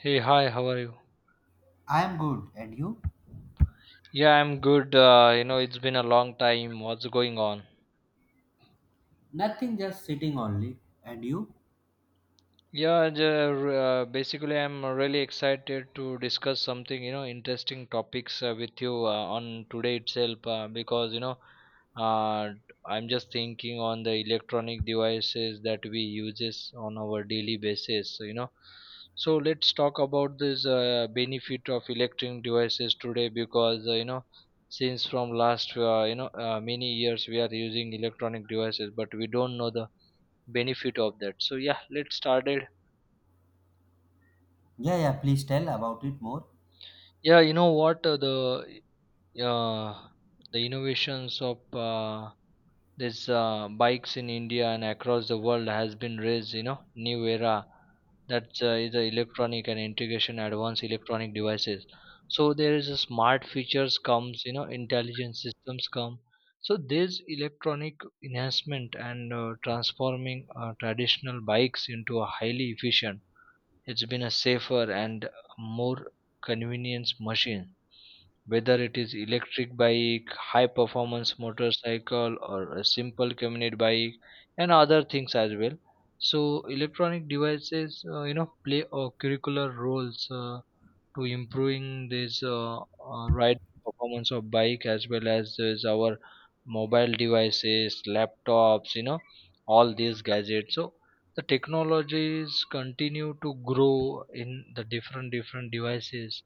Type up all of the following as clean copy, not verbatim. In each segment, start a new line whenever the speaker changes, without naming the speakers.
Hey, hi, how are you?
I am good. And you?
Yeah, I'm good. You know, it's been a long time. What's going on?
Nothing, just sitting only. And you?
Yeah, and, uh, Basically, I'm really excited to discuss something, you know, interesting topics with you on today itself because, you know, uh, I'm just thinking on the electronic devices that we uses on our daily basis, you know. So let's talk about this benefit of electronic devices today because, you know, since from last, you know, many years we are using electronic devices, but we don't know the benefit of that. So yeah, let's start it.
Yeah, yeah, please tell about it more.
Yeah, you know what uh, the innovations of these bikes in India and across the world has been raised. You know, new era that is the electronic and integration advanced electronic devices. So there is a smart features comes. You know, intelligent systems come. So this electronic enhancement and transforming traditional bikes into a highly efficient. It's been a safer and more convenience machine, whether it is electric bike, high performance motorcycle, or a simple commute bike and other things as well. So electronic devices you know play a curricular roles to improving this ride performance of bike as well as is our mobile devices, laptops, you know, all these gadgets. So the technologies continue to grow in the different devices.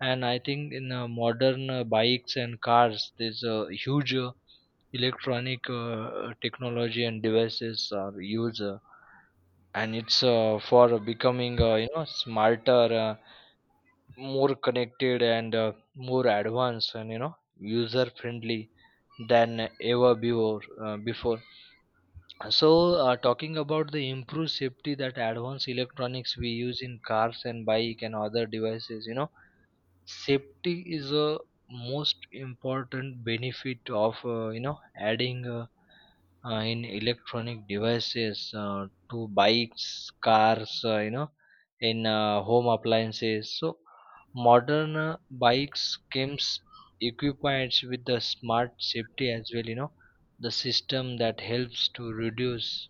And I think in modern bikes and cars there's a huge electronic technology and devices are used, and it's for becoming you know smarter, more connected and more advanced and you know user friendly than ever before. So talking about the improved safety that advanced electronics we use in cars and bike and other devices, you know, safety is a most important benefit of you know adding in electronic devices to bikes, cars, you know, in home appliances. So modern bikes comes equipped with the smart safety as well. You know, the system that helps to reduce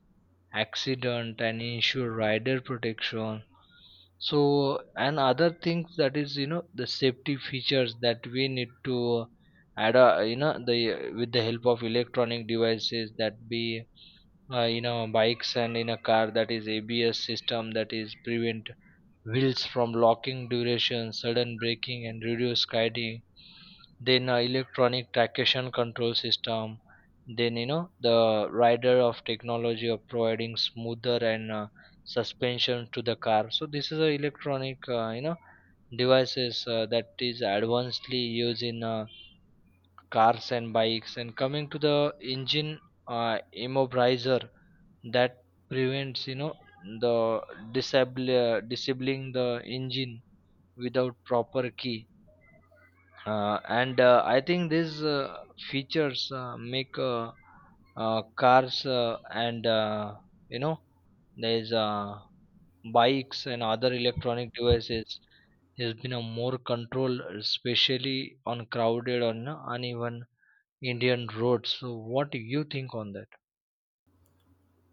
accident and ensure rider protection. So and other things that is you know the safety features that we need to add, you know, the with the help of electronic devices that be in a bikes and in a car, that is ABS system that is prevent wheels from locking duration sudden braking and reduce guiding. Then electronic traction control system, then you know the rider of technology of providing smoother and suspension to the car. So this is a electronic you know devices that is advancedly used in cars and bikes. And coming to the engine immobilizer that prevents you know the disable disabling the engine without proper key. And I think these features make cars and you know there's bikes and other electronic devices has been a more control, especially on crowded or you know, uneven Indian roads. So what do you think on that?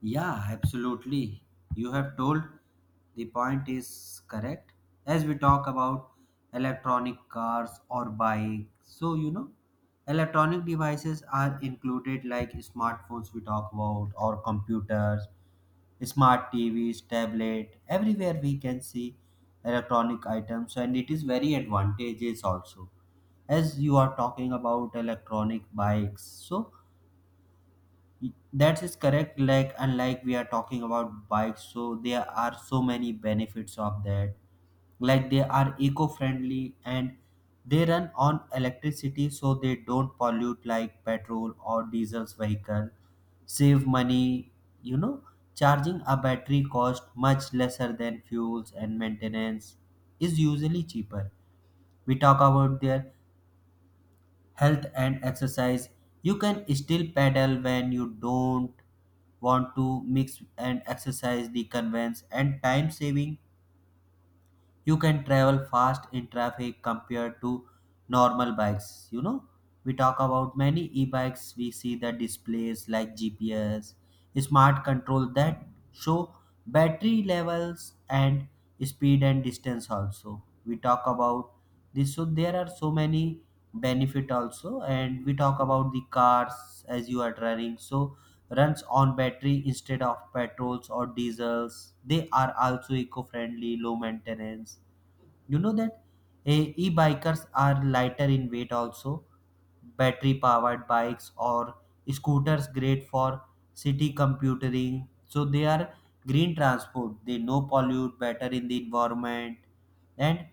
Yeah, absolutely. You have told the point is correct. As we talk about electronic cars or bike, so you know, electronic devices are included like smartphones we talk about or computers, smart TVs, tablet. Everywhere we can see electronic items, and it is very advantageous also as you are talking about electronic bikes so that is correct. Like, unlike we are talking about bikes, so there are so many benefits of that. Like, they are eco friendly and they run on electricity, so they don't pollute like petrol or diesel's vehicle. Save money, you know, charging a battery cost much lesser than fuels and maintenance is usually cheaper. We talk about their health and exercise, you can still pedal when you don't want to mix and exercise. The convenience and time saving, you can travel fast in traffic compared to normal bikes. You know, we talk about many e-bikes, we see the displays like GPS smart control that show battery levels and speed and distance also. We talk about this, so there are so many benefit also. And we talk about the cars, as you are driving, so runs on battery instead of petrols or diesels, they are also eco-friendly, low maintenance. You know that e-bikers are lighter in weight also. Battery powered bikes or scooters great for city computing, so they are green transport, they no pollute, better in the environment. And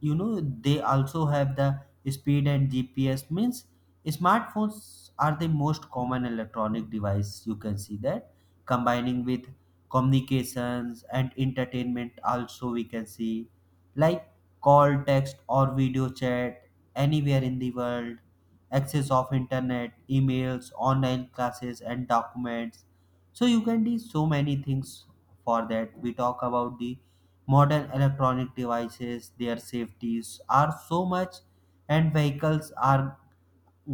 you know they also have the speed and GPS. Means, smartphones are the most common electronic device. You can see that combining with communications and entertainment also we can see, like call, text or video chat anywhere in the world, access of internet, emails, online classes and documents. So you can do so many things for that. We talk about the modern electronic devices, their safeties are so much, and vehicles are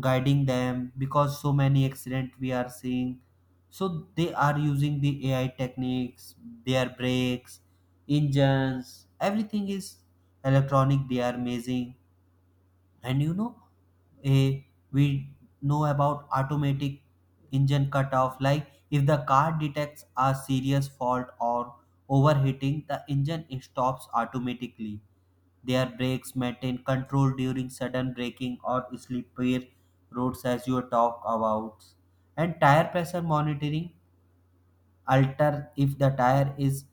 guiding them because so many accident we are seeing. So they are using the AI techniques, their brakes, engines, everything is electronic. They are amazing. And you know, eh, we know about automatic engine cutoff, like if the car detects a serious fault or overheating, the engine stops automatically. Their brakes maintain control during sudden braking or slippery roads, as you talk about. And tire pressure monitoring alter if the tire is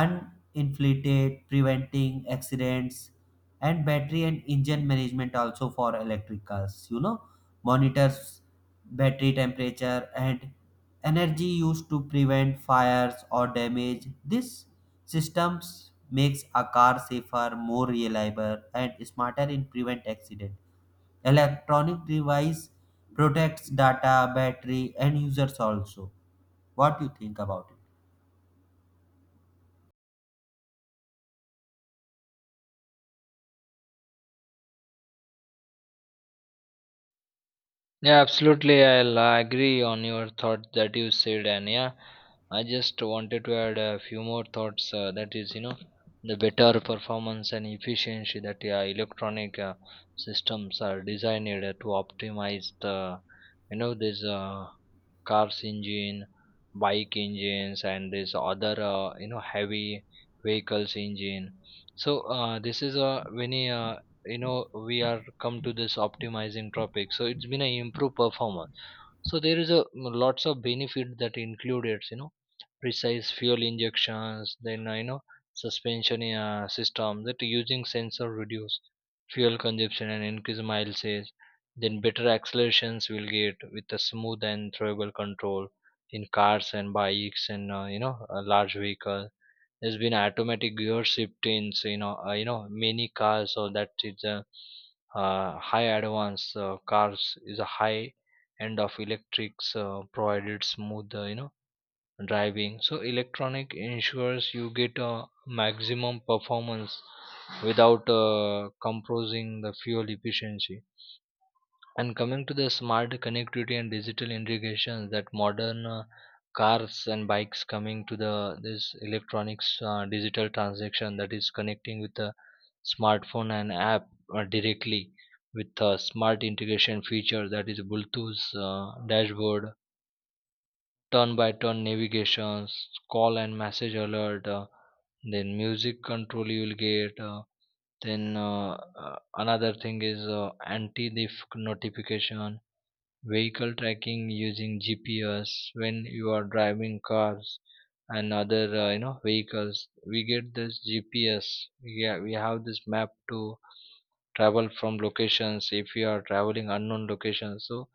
uninflated, preventing accidents. And battery and engine management also for electric cars, you know, monitors battery temperature and energy used to prevent fires or damage. This systems makes a car safer, more reliable and smarter in prevent accident. Electronic device protects data, battery and users also. What do you think about it?
Yeah, absolutely. I'll agree on your thought that you said, and yeah, I just wanted to add a few more thoughts. That is, you know, the better performance and efficiency that yeah, electronic systems are designed to optimize the, you know, this car's engine, bike engines, and this other, you know, heavy vehicles engine. So this is a when you know we are come to this optimizing topic. So it's been a improved performance. So there is a lots of benefit that included, you know, precise fuel injections, then you know suspension system that using sensor reduce fuel consumption and increase mile sales. Then better accelerations will get with a smooth and throwable control in cars and bikes and you know a large vehicle. There's been automatic gear shift in so, you know many cars, so that it's a high advance cars is a high end of electrics provided smooth you know driving. So electronic ensures you get a maximum performance without compromising the fuel efficiency. And coming to the smart connectivity and digital integration that modern cars and bikes coming to the this electronics digital transaction that is connecting with the smartphone and app directly with a smart integration feature, that is Bluetooth dashboard, turn by turn navigations, call and message alert, then music control you will get. then another thing is anti-theft notification, vehicle tracking using GPS. When you are driving cars and other you know vehicles we get this GPS, we have this map to travel from locations. If you are traveling unknown locations, so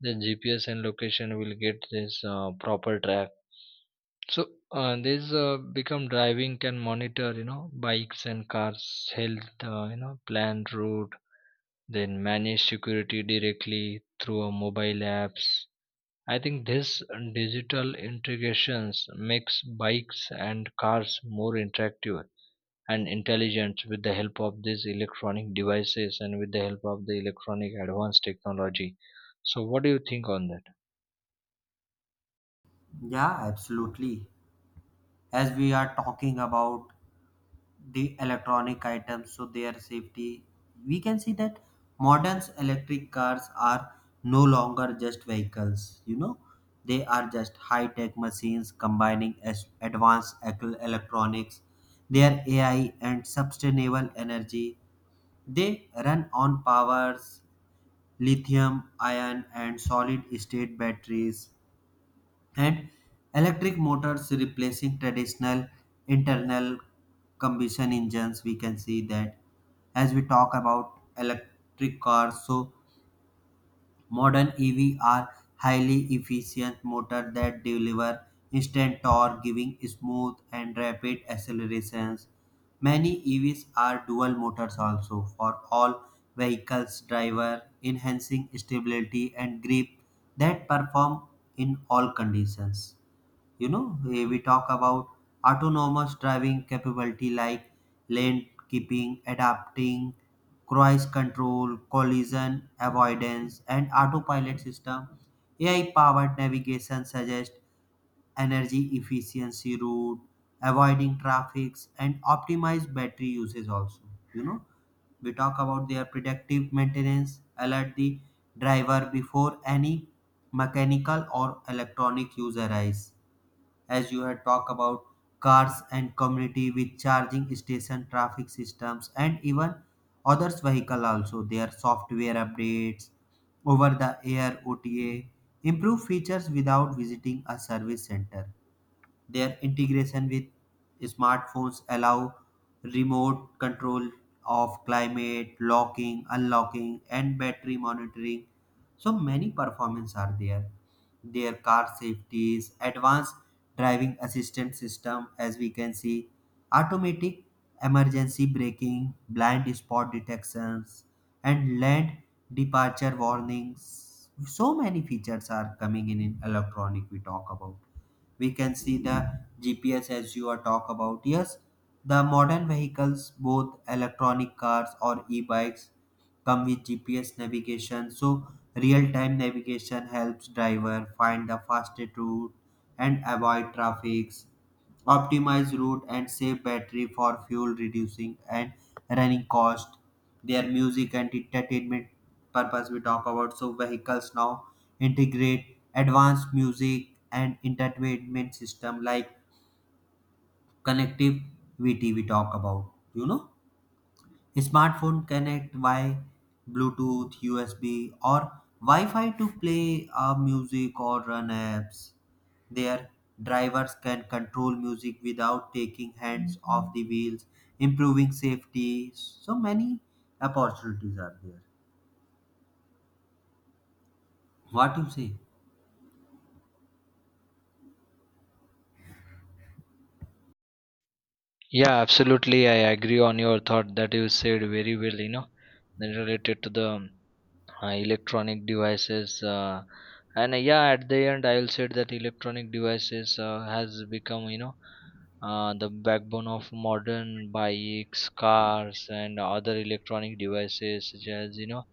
the GPS and location will get this proper track. So this become driving can monitor you know bikes and cars health, you know planned route, then manage security directly through a mobile apps. I think this digital integrations makes bikes and cars more interactive and intelligent with the help of these electronic devices and with the help of the electronic advanced technology. So what do you think on that?
Yeah, absolutely. As we are talking about the electronic items, so their safety, we can see that modern electric cars are no longer just vehicles, you know, they are just high tech machines combining as advanced electronics, their AI, and sustainable energy. They run on powers, lithium, ion, and solid state batteries and electric motors replacing traditional internal combustion engines. We can see that as we talk about electric cars, so modern EV are highly efficient motor that deliver instant torque, giving smooth and rapid accelerations. Many EVs are dual motors also for all vehicles driver, enhancing stability and grip that perform in all conditions. You know, we talk about autonomous driving capability, like lane keeping, adapting cruise control, collision avoidance and autopilot system. AI powered navigation suggests energy efficiency route, avoiding traffics and optimize battery usage also. You know, we talk about their predictive maintenance, alert the driver before any mechanical or electronic use arise. As you had talked about, cars and community with charging station, traffic systems and even others vehicle also. Their software updates over the air, OTA, improve features without visiting a service center. Their integration with smartphones allow remote control of climate, locking, unlocking, and battery monitoring. So many performance are there. Their car safeties, advanced driving assistance system, as we can see, automatic emergency braking, blind spot detections, and land departure warnings. So many features are coming in electronic. We talk about, we can see the GPS, as you are talk about, yes, the modern vehicles, both electronic cars or e-bikes, come with GPS navigation. So real-time navigation helps driver find the fastest route and avoid traffics, optimize route and save battery for fuel reducing and running cost. Their music and entertainment purpose we talk about, so vehicles now integrate advanced music and entertainment system, like connectivity. We talk about, you know, smartphone connect via Bluetooth, USB, or Wi-Fi to play music or run apps. Their drivers can control music without taking hands off the wheels, improving safety. So many opportunities are there. What do you say?
Yeah, absolutely. I agree on your thought that you said very well, you know, related to the electronic devices and yeah at the end I'll say that electronic devices has become you know the backbone of modern bikes, cars and other electronic devices such as you know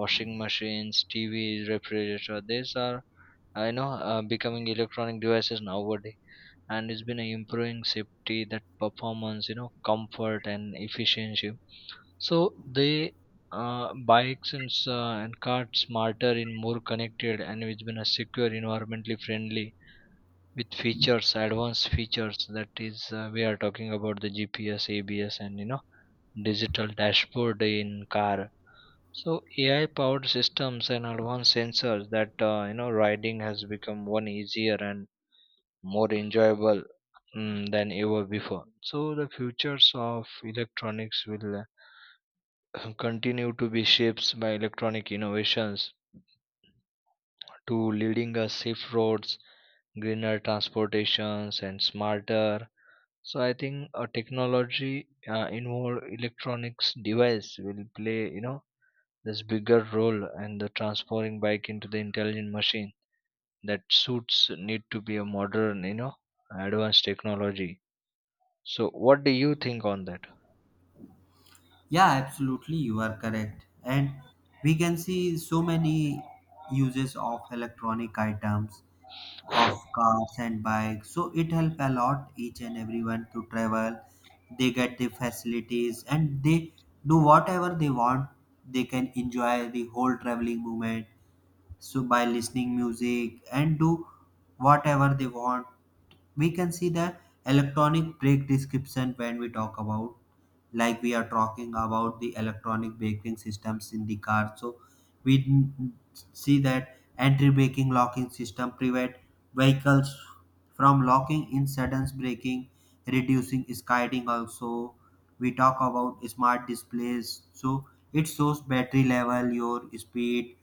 washing machines, TVs, refrigerator. These are I know becoming electronic devices nowadays, and it's been improving safety, that performance, you know, comfort and efficiency. So they bikes and, and cars smarter and more connected and which been a secure, environmentally friendly with features, advanced features. That is, we are talking about the GPS, ABS, and you know digital dashboard in car. So AI powered systems and advanced sensors that you know riding has become one easier and more enjoyable than ever before. So the futures of electronics will continue to be shaped by electronic innovations to leading us safe roads, greener transportations, and smarter. So I think a technology involved electronics device will play, you know, this bigger role and the transforming bike into the intelligent machine that suits need to be a modern, you know, advanced technology. So what do you think on that?
Yeah, absolutely, you are correct. And we can see so many uses of electronic items of cars and bikes. So it help a lot each and everyone to travel. They get the facilities and they do whatever they want. They can enjoy the whole traveling moment, so by listening music and do whatever they want. We can see the electronic brake description, when we talk about, like we are talking about the electronic braking systems in the car. So we see that entry braking locking system prevent vehicles from locking in sudden braking, reducing skidding also. We talk about smart displays, so it shows battery level, your speed,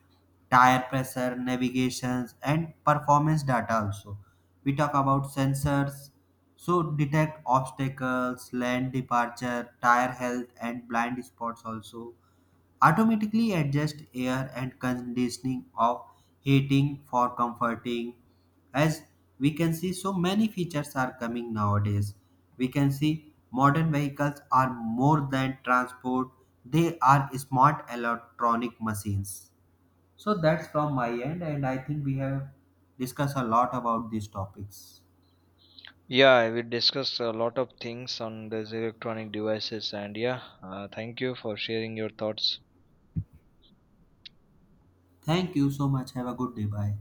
tire pressure, navigations, and performance data also. We talk about sensors, so detect obstacles, land departure, tire health, and blind spots also. Automatically adjust air and conditioning of heating for comforting. As we can see, so many features are coming nowadays. We can see modern vehicles are more than transport; they are smart electronic machines. So that's from my end, and I think we have discussed a lot about these topics.
Yeah, we discussed a lot of things on these electronic devices, and yeah, thank you for sharing your thoughts.
Thank you so much. Have a good day. Bye.